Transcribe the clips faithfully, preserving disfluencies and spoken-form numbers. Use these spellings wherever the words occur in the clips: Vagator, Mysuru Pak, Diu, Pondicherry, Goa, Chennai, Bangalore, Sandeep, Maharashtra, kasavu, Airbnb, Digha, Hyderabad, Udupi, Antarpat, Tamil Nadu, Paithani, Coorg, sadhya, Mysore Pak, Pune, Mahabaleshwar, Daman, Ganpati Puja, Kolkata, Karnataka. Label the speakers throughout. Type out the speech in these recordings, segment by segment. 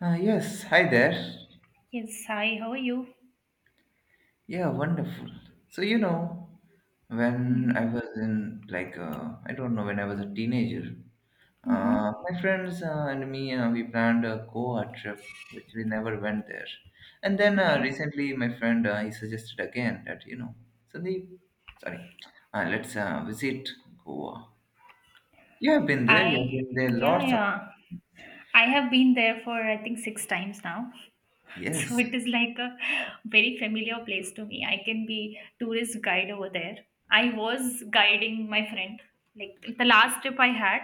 Speaker 1: Uh, yes, hi there.
Speaker 2: Yes, hi, how are you?
Speaker 1: Yeah, wonderful. So, you know,
Speaker 2: Mm-hmm.
Speaker 1: when I was in, like, uh, I don't know, when I was a teenager, uh,
Speaker 2: Mm-hmm.
Speaker 1: my friends uh, and me, uh, we planned a Goa trip, which we never went there. And then uh,
Speaker 2: Okay.
Speaker 1: recently, my friend, uh, he suggested again that, you know, Sandeep, sorry, uh, let's uh, visit Goa. You have been there, you have
Speaker 2: I,
Speaker 1: been there
Speaker 2: yeah,
Speaker 1: lots of
Speaker 2: yeah.
Speaker 1: times.
Speaker 2: I have been there for I think six times now. So
Speaker 1: Yes.
Speaker 2: it is like a very familiar place to me. I can be tourist guide over there. I was guiding my friend like the last trip I had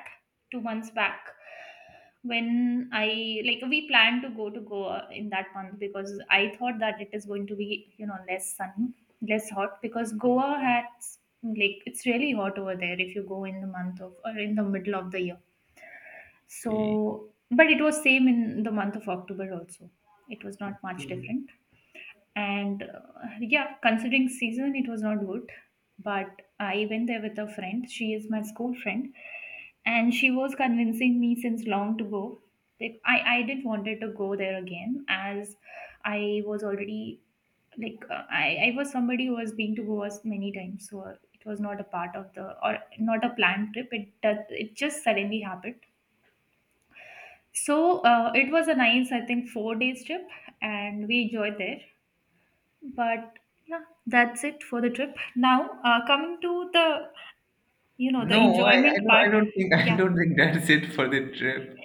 Speaker 2: two months back when I like we planned to go to Goa in that month because I thought that it is going to be you know less sunny, less hot because Goa has like it's really hot over there if you go in the month of or in the middle of the year,
Speaker 1: Okay.
Speaker 2: so but it was same in the month of October also. It was not much different. And uh, yeah, considering season, it was not good. But I went there with a friend. She is my school friend, and she was convincing me since long to go. Like I, I didn't wanted to go there again as I was already like uh, I, I was somebody who was been to Goa s- many times, so it was not a part of the or not a planned trip. It does, it just suddenly happened. So uh, it was a nice, I think, four days trip, and we enjoyed there. But yeah, that's it for the trip. Now uh, coming to the you know
Speaker 1: No,
Speaker 2: the
Speaker 1: I, I
Speaker 2: enjoyment
Speaker 1: don't. I
Speaker 2: part.
Speaker 1: don't think. I
Speaker 2: Yeah,
Speaker 1: don't think that's it for the trip.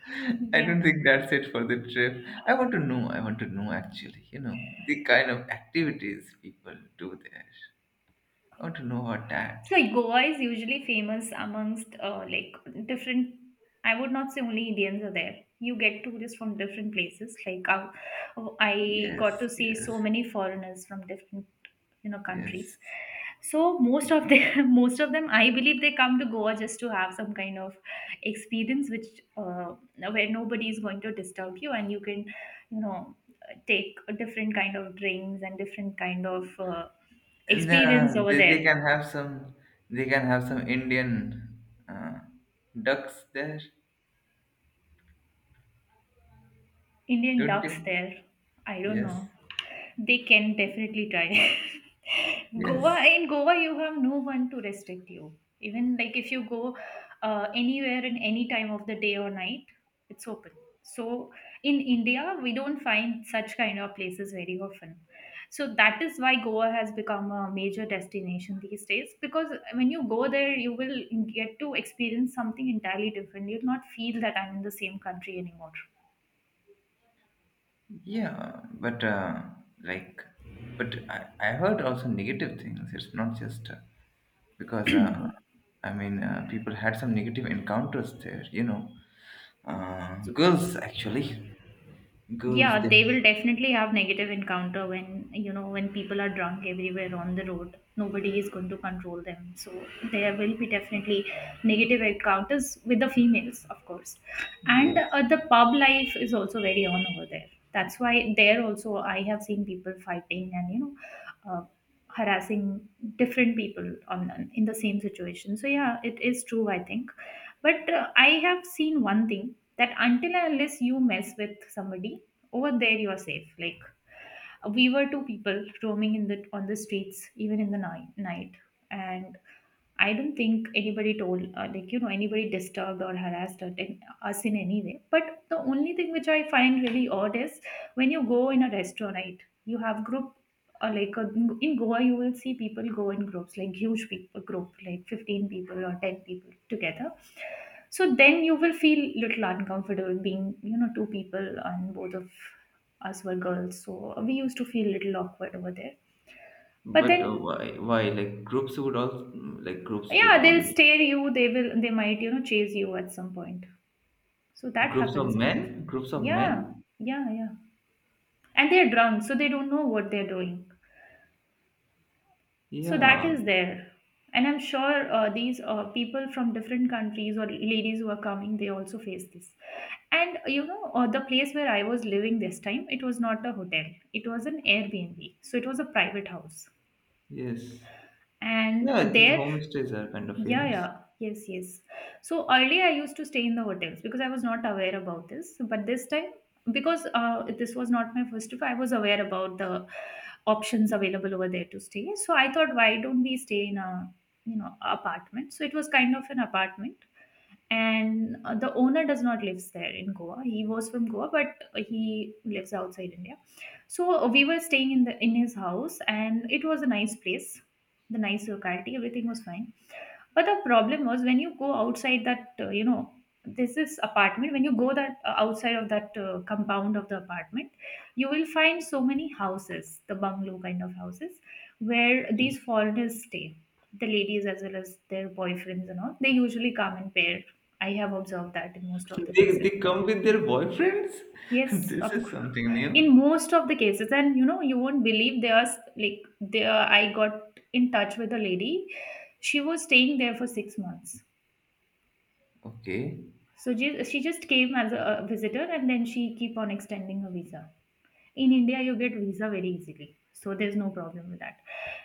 Speaker 1: I
Speaker 2: yeah.
Speaker 1: don't think that's it for the trip. I want to know. I want to know actually. You know the kind of activities people do there. I want to know about that.
Speaker 2: So Goa is usually famous amongst uh, like different. I would not say only Indians are there. You get tourists from different places. Like uh, I
Speaker 1: Yes,
Speaker 2: got to see
Speaker 1: yes,
Speaker 2: so many foreigners from different you know
Speaker 1: yes.
Speaker 2: countries. So most of them, most of them, I believe they come to Goa just to have some kind of experience, which uh, where nobody is going to disturb you, and you can, you know, take different kind of drinks and different kind of uh,
Speaker 1: And
Speaker 2: experience
Speaker 1: uh,
Speaker 2: over
Speaker 1: they,
Speaker 2: there.
Speaker 1: they can have some. They can have some Indian uh, ducks there,
Speaker 2: Indian
Speaker 1: don't
Speaker 2: ducks
Speaker 1: you?
Speaker 2: there. I don't
Speaker 1: Yes,
Speaker 2: know. They can definitely try.
Speaker 1: yes.
Speaker 2: Goa in Goa, you have no one to restrict you. Even like if you go uh, anywhere in any time of the day or night, it's open. So in India, we don't find such kind of places very often. So that is why Goa has become a major destination these days because when you go there, you will get to experience something entirely different. You'll not feel that I'm in the same country anymore.
Speaker 1: Yeah, but uh, like, but I, I heard also negative things. It's not just uh, because uh, I mean uh, people had some negative encounters there. You know, uh,
Speaker 2: So
Speaker 1: girls actually, girls.
Speaker 2: yeah,
Speaker 1: They,
Speaker 2: they will definitely have negative encounter when you know when people are drunk everywhere on the road. Nobody is going to control them, so there will be definitely negative encounters with the females, of course. And
Speaker 1: yes,
Speaker 2: uh, the pub life is also very on over there. That's why there also I have seen people fighting and you know uh, harassing different people on in the same situation. So yeah, it is true, I think. But uh, I have seen one thing that until and unless you mess with somebody over there you are safe. Like we were two people roaming in the on the streets even in the night night and I don't think anybody told uh, like you know anybody disturbed or harassed or in- us in any way. But the only thing which I find really odd is when you go in a restaurant, right, you have group, or like uh, in in Goa, you will see people go in groups, like huge people group, like fifteen people or ten people together. So then you will feel little uncomfortable being, you know, two people, and both of us were girls. So we used to feel little awkward over there. But
Speaker 1: but uh,
Speaker 2: then,
Speaker 1: why? Why like groups would also like groups would
Speaker 2: yeah, they'll
Speaker 1: only
Speaker 2: stare you. They will. They might, you know, chase you at some point. So that
Speaker 1: groups of
Speaker 2: happens, of course.
Speaker 1: men, groups of
Speaker 2: Yeah,
Speaker 1: men.
Speaker 2: yeah, yeah. And they're drunk, so they don't know what they're doing. So that
Speaker 1: Yeah.
Speaker 2: is there. And I'm sure uh, these uh, people from different countries or ladies who are coming, they also face this. And you know, uh, the place where I was living this time, it was not a hotel, it was an Airbnb. So it was a private house.
Speaker 1: Yes.
Speaker 2: And uh,
Speaker 1: Yeah, these
Speaker 2: there,
Speaker 1: homestays are kind of
Speaker 2: yeah,
Speaker 1: famous.
Speaker 2: yeah. Yes, yes. So earlier I used to stay in the hotels because I was not aware about this. But this time, because uh, this was not my first trip, I was aware about the options available over there to stay. So I thought, why don't we stay in a, you know, apartment? So it was kind of an apartment. And uh, the owner does not lives there in Goa. He was from Goa, but he lives outside India. So we were staying in the in his house, and it was a nice place, the nice locality. Everything was fine, but the problem was when you go outside that, uh, you know, this is apartment. When you go that uh, outside of that uh, compound of the apartment, you will find so many houses, the bungalow kind of houses, where these foreigners stay. The ladies as well as their boyfriends and all, they usually come in pair. I have observed that in most of the
Speaker 1: They
Speaker 2: cases.
Speaker 1: they come with their boyfriends.
Speaker 2: Yes,
Speaker 1: This
Speaker 2: of
Speaker 1: is
Speaker 2: course.
Speaker 1: something
Speaker 2: In
Speaker 1: new.
Speaker 2: most of the cases, and you know, you won't believe, there was like there. I got in touch with a lady. She was staying there for six months.
Speaker 1: Okay.
Speaker 2: So she, she just came as a visitor, and then she keep on extending her visa. In India, you get visa very easily. So there's no problem with that.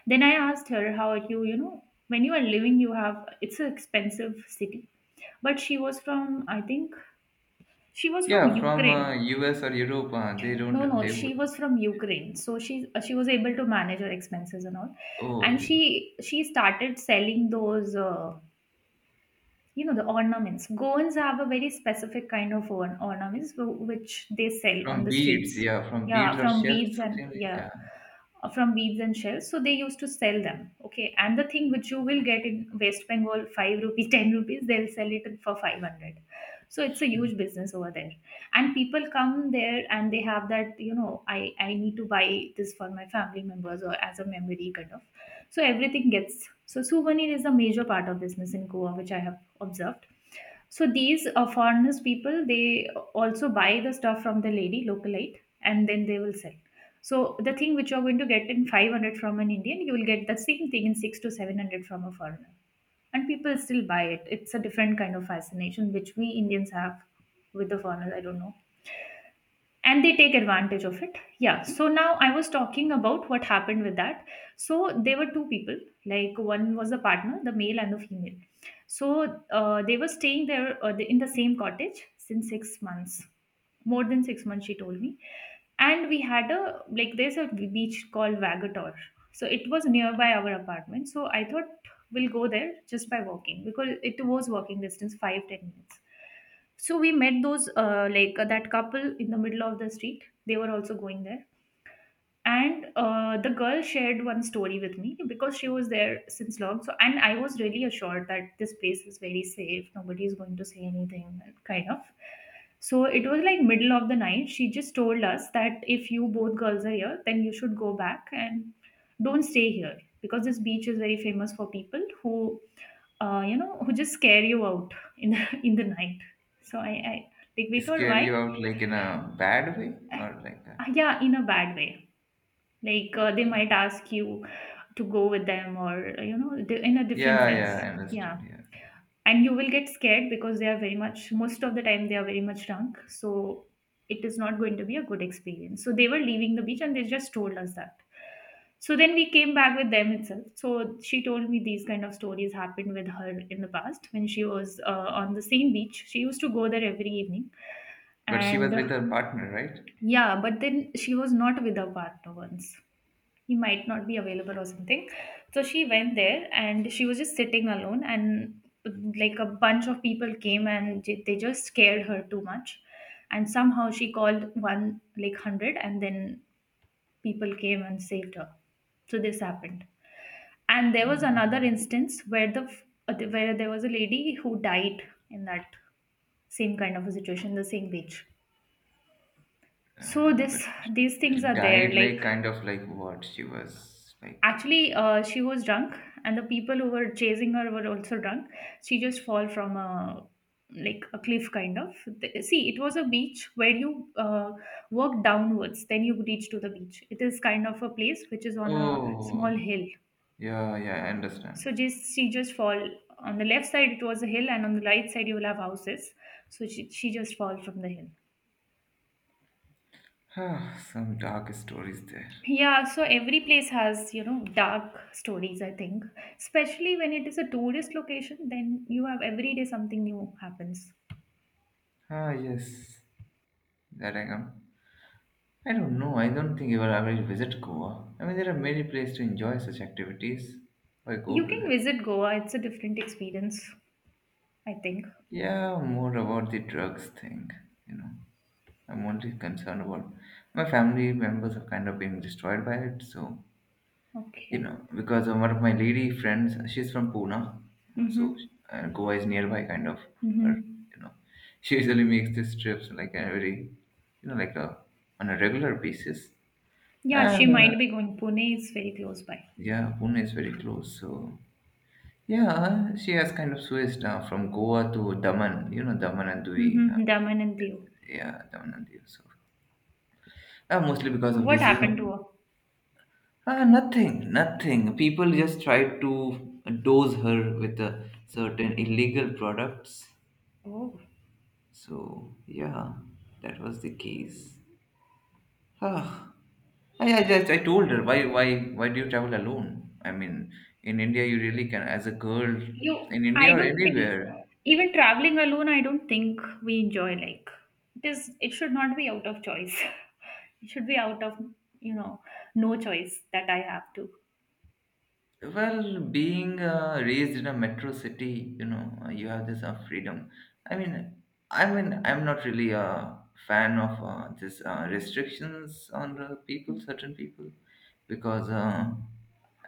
Speaker 2: Then I asked her, how are you, you know, when you are living, you have, it's an expensive city. But she was from, I think, she was from
Speaker 1: Yeah, from uh,
Speaker 2: Ukraine.
Speaker 1: U S or Europe, uh, they
Speaker 2: No,
Speaker 1: don't,
Speaker 2: no,
Speaker 1: they would.
Speaker 2: she was from Ukraine. So she, uh, she was able to manage her expenses and all.
Speaker 1: Oh,
Speaker 2: And
Speaker 1: okay.
Speaker 2: she, she started selling those, uh, you know the ornaments. Goans have a very specific kind of orn- ornaments wh- which they sell on
Speaker 1: From
Speaker 2: the streets.
Speaker 1: beads, yeah, from beads
Speaker 2: Yeah,
Speaker 1: or
Speaker 2: from
Speaker 1: shells,
Speaker 2: beads, and
Speaker 1: something like
Speaker 2: yeah,
Speaker 1: that.
Speaker 2: uh, from beads and shells, so they used to sell them. Okay, and the thing which you will get in West Bengal five rupees, ten rupees, they'll sell it for five hundred. So it's a huge business over there, and people come there and they have that, you know i i need to buy this for my family members or as a memory kind of. So everything gets, so souvenir is a major part of business in Goa, which I have observed. So these uh, foreigners people, they also buy the stuff from the lady localite, and then they will sell. So the thing which you're going to get in five hundred from an Indian, you will get the same thing in six to seven hundred from a foreigner. And people still buy it it's a different kind of fascination which we Indians have with the foreigners, I don't know. And they take advantage of it, yeah. So now I was talking about what happened with that. So there were two people, like one was the partner, the male and the female. So uh, they were staying there uh, in the same cottage since six months, more than six months, she told me. And we had a, like, there's a beach called Vagator, so it was nearby our apartment. So I thought we'll go there just by walking because it was walking distance, five ten minutes. So we met those uh, like uh, that couple in the middle of the street, they were also going there. And uh, the girl shared one story with me because she was there since long, so and I was really assured that this place is very safe, nobody is going to say anything kind of. So it was like middle of the night, she just told us that if you both girls are here then you should go back and don't stay here because this beach is very famous for people who uh, you know who just scare you out in the in the night. So i, I like
Speaker 1: Yeah.
Speaker 2: we thought,
Speaker 1: Scare
Speaker 2: why.
Speaker 1: you out like in a bad way or like that.
Speaker 2: Ah, yeah, in a bad way. Like uh, they might
Speaker 1: Okay.
Speaker 2: ask you to go with them, or you know di- in a different
Speaker 1: Yeah,
Speaker 2: sense.
Speaker 1: yeah, I
Speaker 2: Yeah.
Speaker 1: understood. Yeah.
Speaker 2: And you will get scared because they are very much, most of the time they are very much drunk. So it is not going to be a good experience. So they were leaving the beach and they just told us that. So then we came back with them itself. So she told me these kind of stories happened with her in the past when she was uh, on the same beach. She used to go there every evening.
Speaker 1: But she
Speaker 2: And
Speaker 1: was
Speaker 2: uh,
Speaker 1: with her partner, right?
Speaker 2: yeah, but then she was not with her partner once, he might not be available or something. So she went there and she was just sitting alone, and like a bunch of people came and j- they just scared her too much. And somehow she called one like hundred, and then people came and saved her. So this happened. And there was another
Speaker 1: Um,
Speaker 2: instance where the uh, where there was a lady who died in that same kind of a situation, the same beach. So
Speaker 1: uh, but
Speaker 2: this these things are there,
Speaker 1: died
Speaker 2: like
Speaker 1: like kind of like what she was like.
Speaker 2: actually, uh, she was drunk, and the people who were chasing her were also drunk. She just fall from a like a cliff kind of. Th- See, it was a beach where you uh, walk downwards, then you reach to the beach. It is kind of a place which is on a small
Speaker 1: Oh,
Speaker 2: hill.
Speaker 1: yeah, yeah, I understand.
Speaker 2: So just she just fall on the left side. It was a hill, and on the right side you will have houses. So she she just fall from the hill.
Speaker 1: Ah, some dark stories there.
Speaker 2: Yeah, so every place has, you know, dark stories, I think. Especially when it is a tourist location, then you have every day something new happens.
Speaker 1: Ah, yes, that I am. I don't know. I don't think you will ever visit Goa. I mean, there are many places to enjoy such activities. Why go
Speaker 2: You
Speaker 1: to
Speaker 2: can
Speaker 1: that?
Speaker 2: visit Goa, it's a different experience, I think.
Speaker 1: Yeah, more about the drugs thing. You know, I'm only concerned about my family members are kind of being destroyed by it. So you
Speaker 2: Okay.
Speaker 1: know, because of one of my lady friends, she's from Pune, uh, so
Speaker 2: Mm-hmm.
Speaker 1: uh, Goa is nearby, kind of her.
Speaker 2: Mm-hmm.
Speaker 1: You know, she usually makes these trips like every, you know, like a on a regular basis.
Speaker 2: Yeah,
Speaker 1: And
Speaker 2: she
Speaker 1: uh,
Speaker 2: might be going. Pune is very close by.
Speaker 1: yeah, Pune is very close, so yeah, she has kind of switched uh, from Goa to Daman, you know, Daman and Diu. Uh,
Speaker 2: Mm-hmm. Daman and Diu.
Speaker 1: yeah, Daman and Diu. So, uh, mostly because of
Speaker 2: What
Speaker 1: this, you
Speaker 2: happened to
Speaker 1: know.
Speaker 2: her?
Speaker 1: Uh, nothing, nothing. People just try to dose her with uh, certain illegal products.
Speaker 2: Oh.
Speaker 1: So, yeah, that was the case. Ah, I, I just I told her why why why do you travel alone? I mean, in India you really can as a girl
Speaker 2: You,
Speaker 1: in India
Speaker 2: I
Speaker 1: or
Speaker 2: don't think
Speaker 1: anywhere.
Speaker 2: even traveling alone, I don't think we enjoy like it is. It should not be out of choice. It should be out of you know no choice that I have to.
Speaker 1: Well, being uh, raised in a metro city, you know, uh, you have this uh, freedom. I mean, I mean, I'm not really a fan of uh, this uh, restrictions on uh, people, certain people, because uh,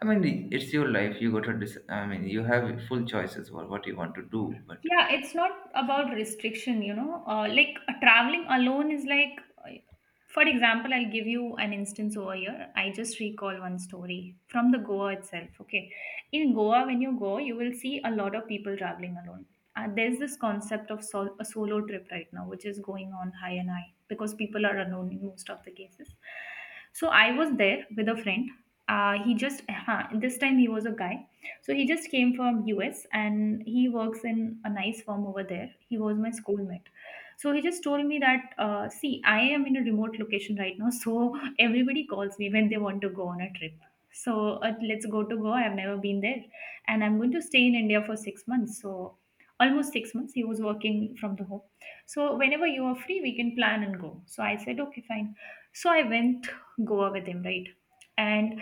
Speaker 1: I mean, it's your life. You got to, dec- I mean, you have full choices for what you want to do. But
Speaker 2: Yeah, it's not about restriction, you know. Uh, like uh, traveling alone is like, uh, for example, I'll give you an instance over here. I just recall one story from the Goa itself. Okay, in Goa, when you go, you will see a lot of people traveling alone. Uh, there's this concept of sol- a solo trip right now, which is going on high and high because people are alone in most of the cases. So I was there with a friend. Uh, he just uh, This time he was a guy, so he just came from U S and he works in a nice firm over there. He was my schoolmate. So he just told me that, uh, see, I am in a remote location right now, so everybody calls me when they want to go on a trip. So uh, let's go to Goa. I've never been there, and I'm going to stay in India for six months. So almost six months. He was working from the home. So whenever you are free, we can plan and go. So I said, okay, fine. So I went Goa with him, right? And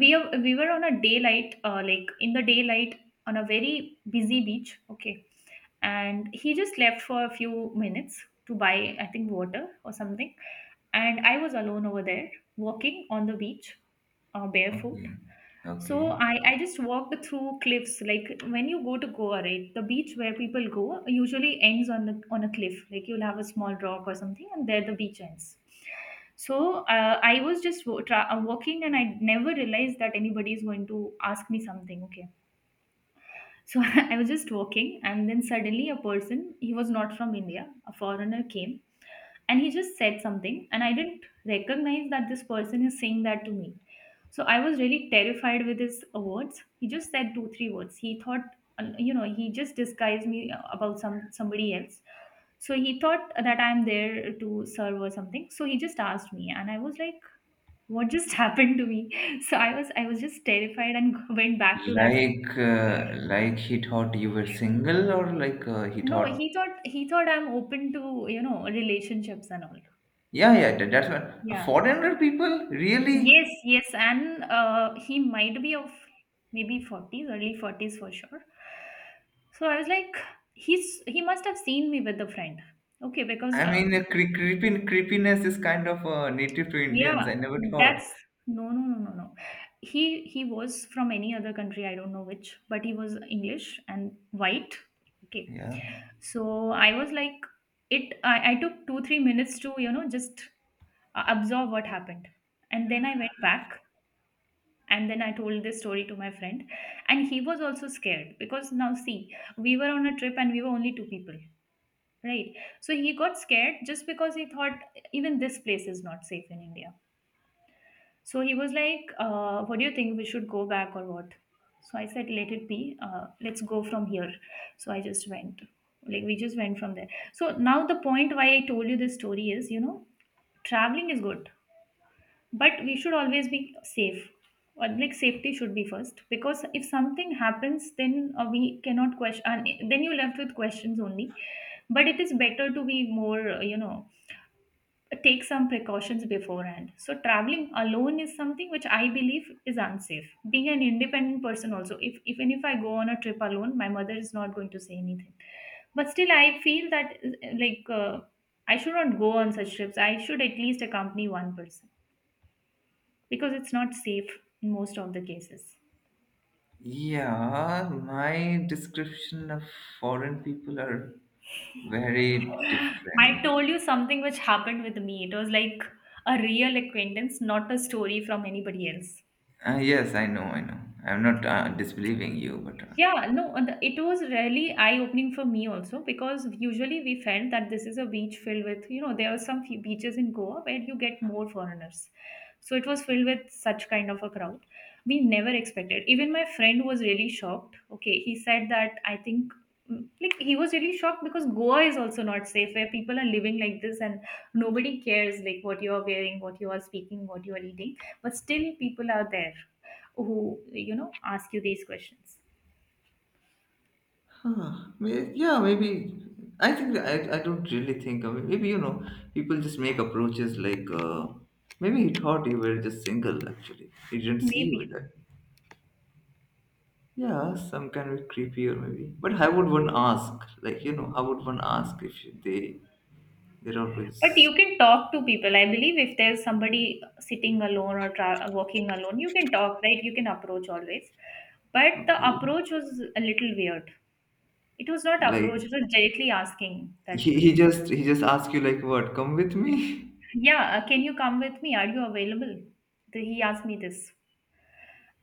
Speaker 2: we are- we were on a daylight uh, like in the daylight on a very busy beach, okay, and he just left for a few minutes to buy, I think, water or something, and I was alone over there, walking on the beach, uh, barefoot.
Speaker 1: okay,
Speaker 2: So
Speaker 1: okay,
Speaker 2: I, I just walked through cliffs. Like when you go to Goa, right, the beach where people go usually ends on the on a cliff. Like you'll have a small rock or something, and there the beach ends. So uh, I was just wa- tra- uh, walking, and I never realized that anybody is going to ask me something. Okay, so I was just walking, and then suddenly a person, he was not from India, a foreigner came and he just said something, and I didn't recognize that this person is saying that to me. So I was really terrified with his uh, words. He just said two three words. He thought, uh, you know he just disguised me uh, about some somebody else. So he thought that I'm there to serve or something, so he just asked me, and I was like, what just happened to me. So i was i was just terrified and went back to that.
Speaker 1: like, uh, like he thought you were single, or like uh, he
Speaker 2: No,
Speaker 1: thought,
Speaker 2: he thought, he thought I'm open to, you know, relationships and all.
Speaker 1: yeah, yeah, that- that's what.
Speaker 2: Yeah.
Speaker 1: four hundred people,
Speaker 2: Yes,
Speaker 1: really?
Speaker 2: yes, and uh, he might be of maybe forties, early forties for sure. So I was like, he's he must have seen me with a friend. Okay, because
Speaker 1: I
Speaker 2: uh,
Speaker 1: mean, uh, cre- creepin- creepiness is kind of uh, native to Indians.
Speaker 2: yeah,
Speaker 1: I never thought.
Speaker 2: that's no, no, no, no, no. He he was from any other country, I don't know which, but he was English and white. Okay,
Speaker 1: Yeah.
Speaker 2: so I was like, it. I, I took two three minutes to, you know, just uh, absorb what happened, and then I went back, and then I told this story to my friend, and he was also scared because now, see, we were on a trip and we were only two people, right? So he got scared just because he thought even this place is not safe in India. So he was like, uh, what do you think, we should go back or what? So I said, let it be. Uh, let's go from here. So I just went, like we just went from there. So now the point why I told you this story is, you know, traveling is good, but we should always be safe. Or like safety should be first because if something happens, then uh, we cannot question, and then you're left with questions only. But it is better to be more, uh, you know take some precautions beforehand. So traveling alone is something which I believe is unsafe. Being an independent person also, if even if I go on a trip alone, my mother is not going to say anything, but still I feel that uh, like uh, I should not go on such trips. I should at least accompany one person because it's not safe in most of the cases.
Speaker 1: Yeah, my description of foreign people are very
Speaker 2: I
Speaker 1: different.
Speaker 2: told you something which happened with me. It was like a real acquaintance, not a story from anybody else.
Speaker 1: Uh, yes, I know, I know. I'm not uh, disbelieving you, but uh,
Speaker 2: Yeah, no, and it was really eye-opening for me also because usually we felt that this is a beach filled with, you know, there are some few beaches in Goa where you get more foreigners. So it was filled with such kind of a crowd. We never expected. Even my friend was really shocked. Okay, he said that I think mm, like he was really shocked because Goa is also not safe where people are living like this, and nobody cares like what you are wearing, what you are speaking, what you are eating, but still people are there who, you know, ask you these questions.
Speaker 1: huh. May- Yeah, maybe. I think I, I don't really think. I mean, maybe you know, people just make approaches like uh, maybe he thought you were just single. Actually, he didn't see you with
Speaker 2: Maybe.
Speaker 1: that. Yeah, some can be creepier maybe. But how would one ask? Like, you know, how would one ask if they they're
Speaker 2: But
Speaker 1: always
Speaker 2: you can talk to people. I believe if there's somebody sitting alone or tra- walking alone, you can talk, right? You can approach always. But the
Speaker 1: okay.
Speaker 2: approach was a little weird. It was not approach,
Speaker 1: Like
Speaker 2: it was directly asking that,
Speaker 1: he, he just he just asks you like what? Come with me?
Speaker 2: yeah, uh, can you come with me? Are you available? The- He asked me this.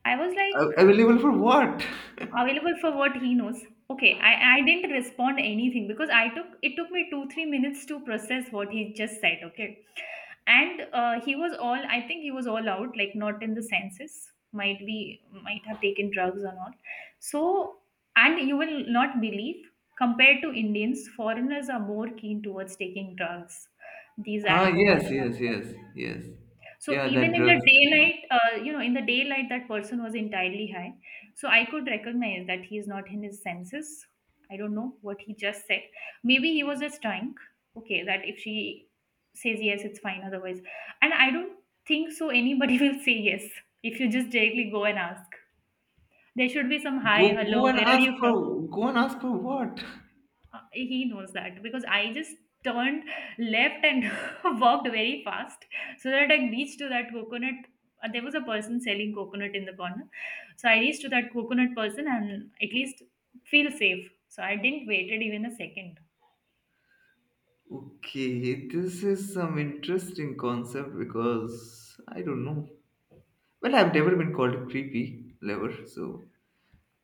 Speaker 2: I was
Speaker 1: A-
Speaker 2: like,
Speaker 1: Available for what?
Speaker 2: available for what he knows. Okay, I, I didn't respond anything because I took it took me two three minutes to process what he just said. Okay, and uh, he was all i think he was all out, like not in the senses, might be, might have taken drugs or not. So, and you will not believe, compared to Indians, foreigners are more keen towards taking drugs, these
Speaker 1: Huh?
Speaker 2: alcohol
Speaker 1: Yes,
Speaker 2: and
Speaker 1: yes,
Speaker 2: all.
Speaker 1: yes, yes.
Speaker 2: So
Speaker 1: Yeah, that
Speaker 2: even in the
Speaker 1: drugs thing.
Speaker 2: daylight, uh, you know, in the daylight, that person was entirely high. So I could recognize that he is not in his senses. I don't know what he just said. Maybe he was just drunk. Okay, that if she says yes, it's fine. Otherwise, and I don't think so anybody will say yes if you just directly go and ask. There should be some hi,
Speaker 1: Go go
Speaker 2: hello,
Speaker 1: and
Speaker 2: where are
Speaker 1: ask
Speaker 2: you from?
Speaker 1: for go and ask for what?
Speaker 2: Uh, he knows that. Because I just turned left and walked very fast so that I reached to that coconut. Uh, there was a person selling coconut in the corner, so I reached to that coconut person and at least feel safe. So I didn't waited even a second.
Speaker 1: Okay, this is some interesting concept because I don't know. Well, I've never been called creepy, never. So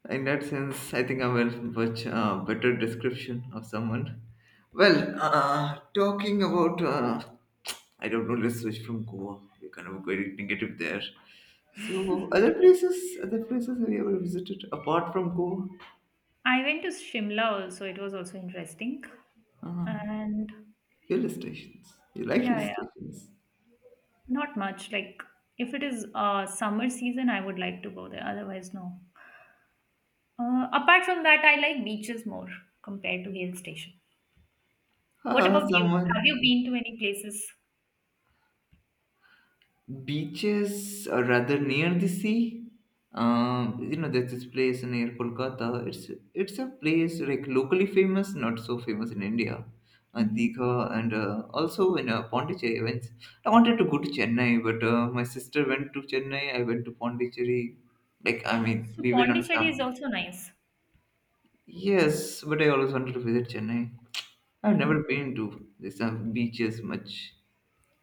Speaker 1: in that sense, I think I will much uh, better description of someone. Well, uh, talking about, uh, I don't know, let's switch from Goa. We're kind of very negative there. So, other places, other places have you ever visited apart from Goa?
Speaker 2: I went to Shimla also. It was also interesting,
Speaker 1: Ah,
Speaker 2: and
Speaker 1: hill stations. You like hill
Speaker 2: yeah, yeah,
Speaker 1: stations?
Speaker 2: not much. Like if it is uh, summer season, I would like to go there. Otherwise, no. Uh, apart from that, I like beaches more compared to hill station. What
Speaker 1: Ah,
Speaker 2: about you?
Speaker 1: someone.
Speaker 2: Have you been to any places?
Speaker 1: Beaches or rather near the sea. Um, you know, there's this place near Kolkata. It's it's a place like locally famous, not so famous in India. Uh,
Speaker 2: Hmm.
Speaker 1: Digha and uh, also in uh, Pondicherry. When I wanted to go to Chennai, but uh, my sister went to Chennai. I went to Pondicherry. Like I mean,
Speaker 2: So
Speaker 1: we were on
Speaker 2: Pondicherry is
Speaker 1: family.
Speaker 2: also nice.
Speaker 1: Yes, but I always wanted to visit Chennai. I've
Speaker 2: Hmm.
Speaker 1: never been to these uh, beaches much.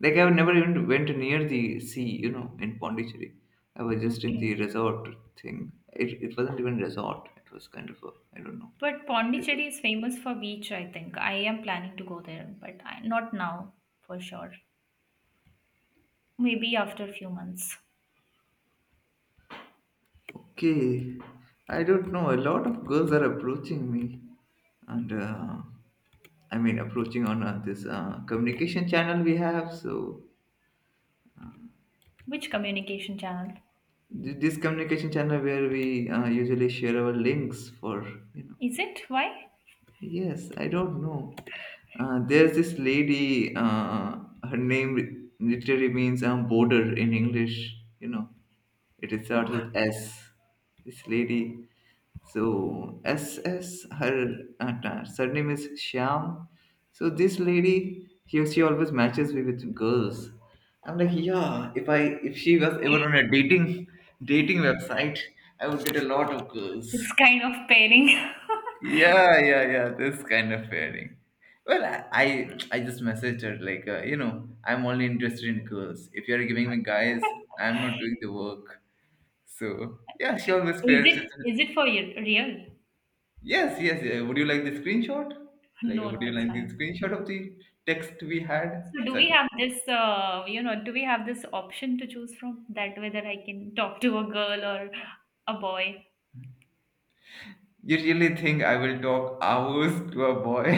Speaker 1: Like I've never even went near the sea, you know, in Pondicherry. I was just in the
Speaker 2: Okay.
Speaker 1: resort thing. It, it wasn't even resort. It was kind of a I don't know.
Speaker 2: But Pondicherry is famous for beach, I think. I am planning to go there, but I, not now for sure. Maybe after a few months.
Speaker 1: Okay, I don't know. A lot of girls are approaching me, and uh, I mean approaching on uh, this uh, communication channel we have. So
Speaker 2: Which communication channel?
Speaker 1: Th- this communication channel where we uh, usually share our links for you know
Speaker 2: Is it? Why?
Speaker 1: Yes, I don't know. Uh, there's this lady, uh, her name literally means um, border in English, you know. It is starts with S. This lady. So, S S. Her uh, ta- surname is Shyam. So, this lady, he, she always matches me with girls. I'm like, yeah, if I if she was ever on a dating dating website, I would get a lot of girls.
Speaker 2: It's kind of pairing.
Speaker 1: Yeah, yeah, yeah. This kind of pairing. Well, I I I just messaged her like, uh, you know, I'm only interested in girls. If you're giving me guys, I'm not doing the work. So yeah, she always
Speaker 2: Is
Speaker 1: pairs
Speaker 2: it,
Speaker 1: it.
Speaker 2: is it for y- real?
Speaker 1: Yes, yes. Yeah. Would you like the screenshot? Like,
Speaker 2: No,
Speaker 1: would
Speaker 2: no,
Speaker 1: you
Speaker 2: it's
Speaker 1: like the
Speaker 2: fine.
Speaker 1: screenshot of the text we had?
Speaker 2: So do we
Speaker 1: Sorry.
Speaker 2: have this, uh, you know, do we have this option to choose from that whether I can talk to a girl or a boy?
Speaker 1: You really think I will talk hours to a boy?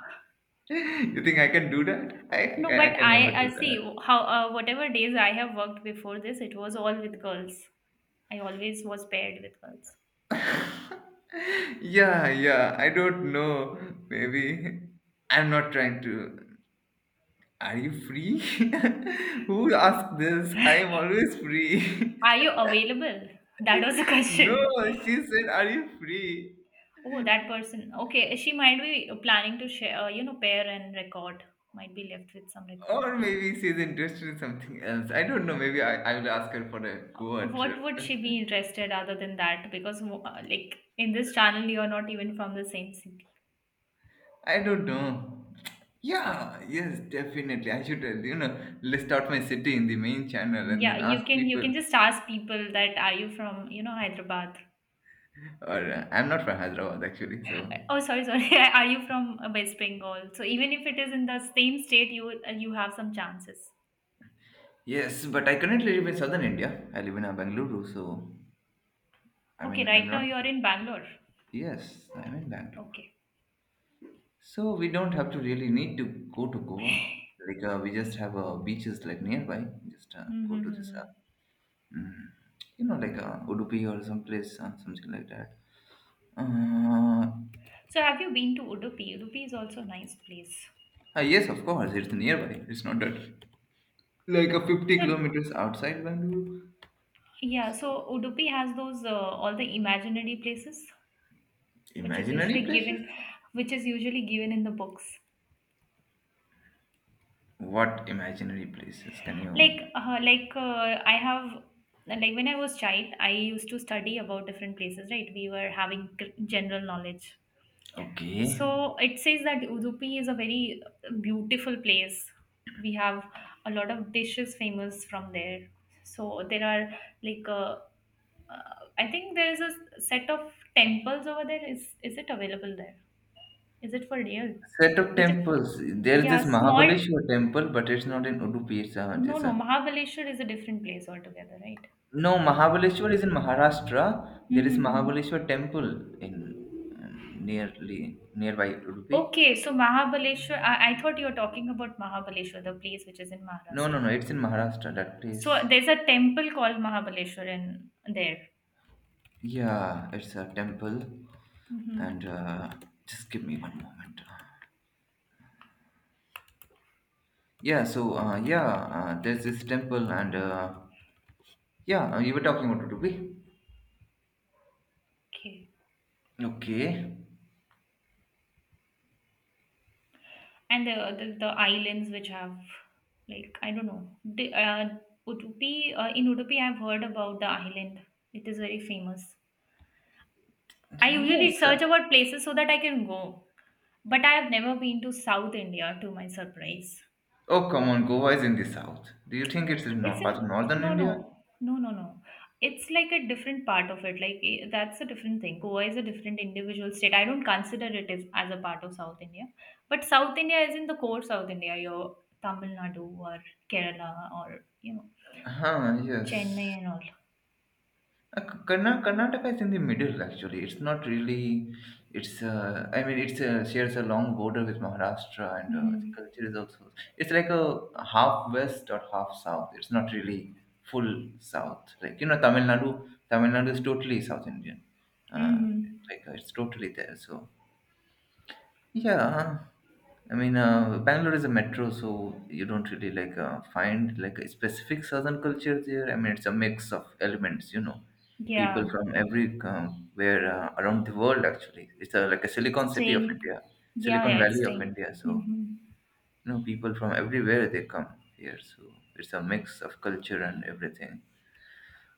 Speaker 1: You think I can do that? I I
Speaker 2: No,
Speaker 1: can,
Speaker 2: but
Speaker 1: I can never
Speaker 2: I
Speaker 1: do
Speaker 2: I see
Speaker 1: that.
Speaker 2: how, uh, whatever days I have worked before this, it was all with girls. I always was paired with girls.
Speaker 1: Yeah, yeah, I don't know. Maybe I'm not trying to. Are you free? Who asked this? I am always free.
Speaker 2: Are you available? That was the
Speaker 1: No,
Speaker 2: question.
Speaker 1: she said, are you free?
Speaker 2: Oh, that person. Okay, she might be planning to share, uh, you know, pair and record. Might be left with some
Speaker 1: Or
Speaker 2: recordings.
Speaker 1: maybe she's interested in something else. I don't know. Maybe I, I will ask her for a Goa
Speaker 2: What
Speaker 1: trip.
Speaker 2: would she be interested other than that? Because mo- uh, like in this channel, you are not even from the same city.
Speaker 1: I don't know. Yeah, yes, definitely. I should, uh, you know, list out my city in the main channel and
Speaker 2: Yeah,
Speaker 1: then ask
Speaker 2: you can you can
Speaker 1: people.
Speaker 2: just ask people, that are you from you know Hyderabad?
Speaker 1: Or uh, I'm not from Hyderabad actually,
Speaker 2: Uh,
Speaker 1: so.
Speaker 2: Oh, sorry, sorry. Are you from uh, West Bengal? So even if it is in the same state, you will- uh, you have some chances.
Speaker 1: Yes, but I currently live in southern India. I live in uh, Bangalore, so I
Speaker 2: Okay,
Speaker 1: mean, I'm
Speaker 2: right now
Speaker 1: not.
Speaker 2: you are in Bangalore.
Speaker 1: Yes, I'm in Bangalore.
Speaker 2: Okay.
Speaker 1: So we don't have to really need to go to Goa. Like uh, we just have uh, beaches like nearby. Just uh, go to this,
Speaker 2: Mm-hmm.
Speaker 1: uh, you know, like uh, Udupi or some place, uh, something like that. Uh,
Speaker 2: So have you been to Udupi? Udupi is also a nice place.
Speaker 1: uh, yes, of course, it's nearby. It's not that like a 50
Speaker 2: So
Speaker 1: kilometers outside Bangalore.
Speaker 2: yeah,
Speaker 1: So,
Speaker 2: so Udupi has those, uh, all the imaginary places, which is
Speaker 1: imaginary
Speaker 2: usually
Speaker 1: places?
Speaker 2: given which is usually given in the books,
Speaker 1: What imaginary places can
Speaker 2: like
Speaker 1: you?
Speaker 2: uh, like uh, i have like when I was child, I used to study about different places, right? We were having g- general knowledge.
Speaker 1: Okay.
Speaker 2: So it says that Udupi is a very beautiful place. We have a lot of dishes famous from there. So there are, like uh, uh, I think there is a set of temples over there. Is is it available there? Is it for real,
Speaker 1: Set of
Speaker 2: which is,
Speaker 1: temples. There is
Speaker 2: yeah,
Speaker 1: this
Speaker 2: small?
Speaker 1: Mahabaleshwar temple, but it's not in Udupi. It's uh,
Speaker 2: No,
Speaker 1: it's
Speaker 2: no,
Speaker 1: uh,
Speaker 2: Mahabaleshwar is a different place altogether, right?
Speaker 1: No Mahabaleshwar is in Maharashtra. There is
Speaker 2: Mm-hmm.
Speaker 1: Mahabaleshwar temple in um, nearly nearby Udupi.
Speaker 2: Okay, so Mahabaleshwar, I, I thought you were talking about Mahabaleshwar, the place which is in
Speaker 1: No, no,
Speaker 2: Maharashtra.
Speaker 1: no. It's in Maharashtra. That
Speaker 2: So
Speaker 1: place.
Speaker 2: there's a temple called Mahabaleshwar in there.
Speaker 1: Yeah, it's a temple,
Speaker 2: Mm-hmm.
Speaker 1: and uh, just give me one moment. Yeah. So uh, yeah, uh, there's this temple, and uh, yeah, uh, you were talking about Udupi.
Speaker 2: Okay.
Speaker 1: Okay.
Speaker 2: And the, the, the islands which have, like, I don't know. The, uh, Udupi, uh, in Udupi, I've heard about the island. It is very famous. I usually
Speaker 1: Yes.
Speaker 2: search about places so that I can go. But I have never been to South India, to my surprise.
Speaker 1: Oh, come on, Goa is in the south. Do you think it's in no-
Speaker 2: It's
Speaker 1: part of
Speaker 2: an
Speaker 1: northern
Speaker 2: No,
Speaker 1: India?
Speaker 2: no, no, no, no. It's like a different part of it. Like, eh, that's a different thing. Goa is a different individual state. I don't consider it as, as a part of South India, but South India is in the core South India. Your Tamil Nadu or Kerala or you know
Speaker 1: Huh, yes.
Speaker 2: Chennai and all.
Speaker 1: Uh, K- Karna- Karnataka is in the middle actually. It's not really. It's uh, I mean, it's uh, shares a long border with Maharashtra, and uh, the
Speaker 2: Mm-hmm.
Speaker 1: culture is also. It's like a half west or half south. It's not really full south. Like you know, Tamil Nadu. Tamil Nadu is totally South Indian. Uh,
Speaker 2: Mm-hmm.
Speaker 1: like uh, it's totally there. So yeah, I mean, uh, Bangalore is a metro, so you don't really like uh, find like a specific southern culture there. I mean, it's a mix of elements, you know, people
Speaker 2: Yeah,
Speaker 1: from every um, where uh, around the world actually. It's a, like a Silicon City of India,
Speaker 2: staying. Yeah,
Speaker 1: Silicon
Speaker 2: yeah, it's
Speaker 1: Valley of
Speaker 2: staying.
Speaker 1: India. So
Speaker 2: Mm-hmm.
Speaker 1: you know, people from everywhere they come here. So it's a mix of culture and everything.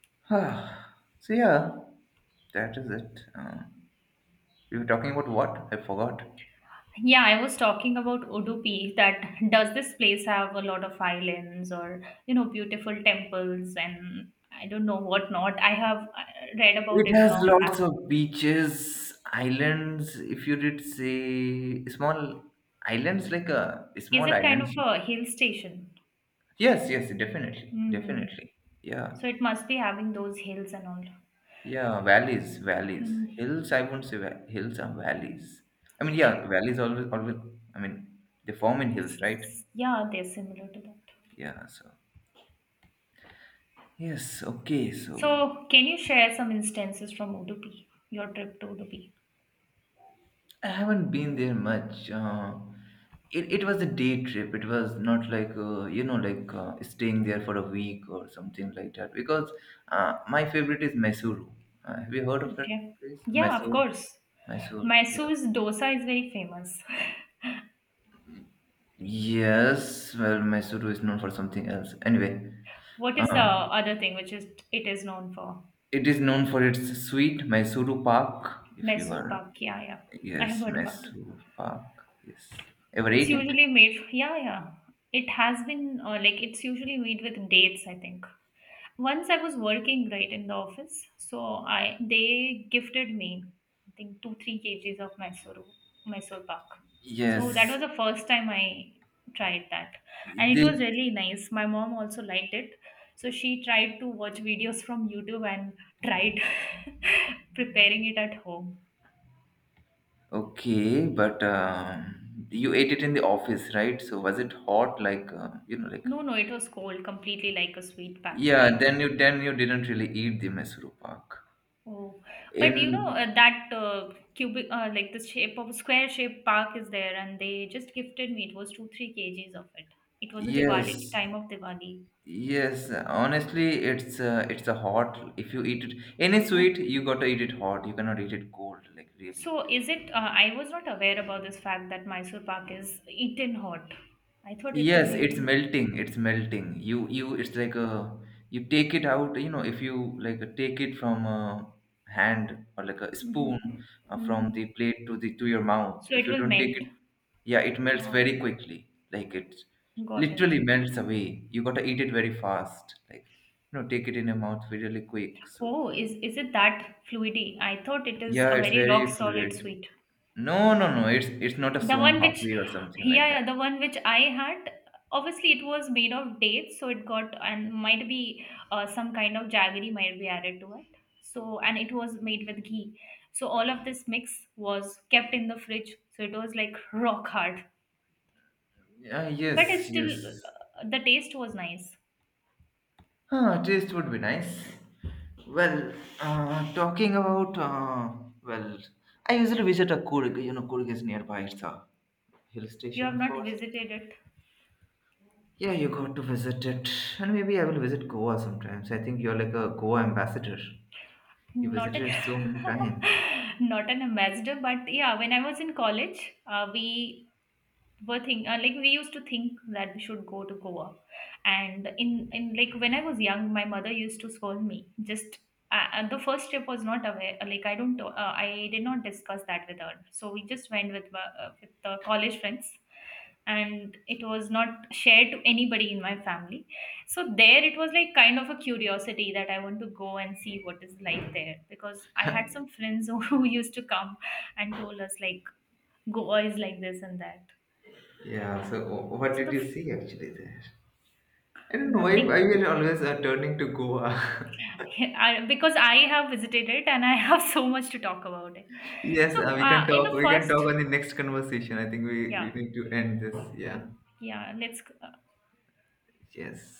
Speaker 1: So yeah, that is it. Uh, we were talking about what? I forgot.
Speaker 2: Yeah, I was talking about Udupi, that does this place have a lot of islands or you know beautiful temples, and I don't know what not. I have, uh, read about
Speaker 1: It
Speaker 2: it
Speaker 1: has
Speaker 2: long
Speaker 1: lots
Speaker 2: back.
Speaker 1: of beaches, islands. If you did say small islands, like a
Speaker 2: Is
Speaker 1: small
Speaker 2: it kind of
Speaker 1: islands.
Speaker 2: a hill station?
Speaker 1: Yes, yes, definitely,
Speaker 2: Hmm.
Speaker 1: definitely. Yeah,
Speaker 2: So it must be having those hills and all.
Speaker 1: yeah. Valleys, valleys,
Speaker 2: Mm,
Speaker 1: hills. I won't say va- hills are valleys. I mean, yeah,
Speaker 2: okay.
Speaker 1: valleys always, always. I mean, they form in hills,
Speaker 2: It's,
Speaker 1: right?
Speaker 2: yeah, they're similar to that.
Speaker 1: Yeah. So yes, okay. So
Speaker 2: So can you share some instances from Udupi, your trip to Udupi?
Speaker 1: I haven't been there much. Uh, it, it was a day trip. It was not like, uh, you know, like uh, staying there for a week or something like that. Because uh, my favorite is Mysuru. Uh, have you heard of that
Speaker 2: Okay.
Speaker 1: place?
Speaker 2: Yeah, of
Speaker 1: Mysore.
Speaker 2: course.
Speaker 1: Mysore. Yeah.
Speaker 2: Mysore's dosa is very famous.
Speaker 1: Yes. Well, Mysuru is known for something else. Anyway,
Speaker 2: What is the
Speaker 1: uh,
Speaker 2: other thing which is it is known for?
Speaker 1: it is known for its sweet Mysuru Park. If you
Speaker 2: Mysore
Speaker 1: are,
Speaker 2: Pak. Yeah, yeah. I have
Speaker 1: yes,
Speaker 2: heard about it.
Speaker 1: Mysuru Park. Yes. Ever
Speaker 2: It's
Speaker 1: ate it?
Speaker 2: usually made. Yeah, yeah. It has been, uh, like it's usually made with dates, I think. Once I was working, right, in the office, so I they gifted me, I think, two three kgs of Mysore Mysore Pak. So that
Speaker 1: Yes,
Speaker 2: was the first time I tried that, and it
Speaker 1: they.
Speaker 2: was really nice. My mom also liked it, so she tried to watch videos from YouTube and tried preparing it at home.
Speaker 1: Okay, but um, you ate it in the office, right? So was it hot? Like uh, you know, like uh,
Speaker 2: No, no, it was cold, completely like a sweet packet I
Speaker 1: yeah.
Speaker 2: got.
Speaker 1: Then you then you didn't really eat the Mysuru Pak.
Speaker 2: Oh, but you know uh,
Speaker 1: In
Speaker 2: that, uh, cubic, uh, like the shape of square shaped park is there, and they just gifted me. It was two three kgs of it. It was a Diwali,
Speaker 1: yes,
Speaker 2: time of Diwali.
Speaker 1: yes. Honestly, it's uh, it's a hot. If you eat it any
Speaker 2: Oh,
Speaker 1: sweet, you got to eat it hot. You cannot eat it cold. Like really,
Speaker 2: so is it? Uh, I was not aware about this fact that Mysore Pak is eaten hot. I thought it is
Speaker 1: yes, it's
Speaker 2: usually.
Speaker 1: melting. It's melting. You you it's like a you take it out, you know, if you like take it from a hand or like a spoon
Speaker 2: Mhm.
Speaker 1: uh,
Speaker 2: Mhm.
Speaker 1: from the plate to the to your mouth.
Speaker 2: So
Speaker 1: If
Speaker 2: it
Speaker 1: you
Speaker 2: will
Speaker 1: don't take
Speaker 2: melt.
Speaker 1: it, yeah, it melts
Speaker 2: Oh,
Speaker 1: very quickly. Like it
Speaker 2: got it.
Speaker 1: literally melts away. You gotta eat it very fast. Like, you know, take it in your mouth really quick. So
Speaker 2: Oh, is is it that fluidy? I thought it is
Speaker 1: yeah,
Speaker 2: a
Speaker 1: it's
Speaker 2: very rock
Speaker 1: very
Speaker 2: solid
Speaker 1: fluid.
Speaker 2: sweet.
Speaker 1: No, no, no, it's it's not a
Speaker 2: The
Speaker 1: sown
Speaker 2: one which,
Speaker 1: puppy or something
Speaker 2: yeah,
Speaker 1: like
Speaker 2: yeah,
Speaker 1: that.
Speaker 2: the one which I had, obviously it was made of dates, so it got, and might be uh, some kind of jaggery might be added to it. So and it was made with ghee. So all of this mix was kept in the fridge, so it was like rock hard.
Speaker 1: Yeah,
Speaker 2: But it's
Speaker 1: yes, yes.
Speaker 2: still, uh, the taste was nice.
Speaker 1: Ah, taste would be nice. Well, uh, talking about uh, well, I usually visit a Kurg. You know, Kurg is nearby. It's a hill
Speaker 2: You
Speaker 1: station,
Speaker 2: have
Speaker 1: of
Speaker 2: not
Speaker 1: course.
Speaker 2: visited it.
Speaker 1: Yeah, you got to visit it, and maybe I will visit Goa sometimes. I think you're like a Goa ambassador. You
Speaker 2: Not an
Speaker 1: visited so many times.
Speaker 2: not an ambassador, but yeah, when I was in college, uh, we were think uh, like we used to think that we should go to Goa, and in in like when I was young, my mother used to scold me. Just uh, uh, the first trip was not aware. uh, Like I don't, uh, I did not discuss that with her. So we just went with my- uh, with the college friends, and it was not shared to anybody in my family. So there, it was like kind of a curiosity that I want to go and see what is like there, because I had some friends who used to come and told us like Goa is like this and that.
Speaker 1: Yeah. So, wh- what
Speaker 2: So
Speaker 1: did
Speaker 2: the
Speaker 1: you see actually there? I don't know why why
Speaker 2: Nothing,
Speaker 1: we're always uh, turning to Goa.
Speaker 2: I, because I have visited it and I have so much to talk about it.
Speaker 1: Yes,
Speaker 2: So,
Speaker 1: uh, we can
Speaker 2: uh, in
Speaker 1: talk.
Speaker 2: the
Speaker 1: We can
Speaker 2: first,
Speaker 1: talk on the next conversation. I think we, we
Speaker 2: yeah,
Speaker 1: need to end this. Yeah.
Speaker 2: yeah, let's. uh,
Speaker 1: Yes.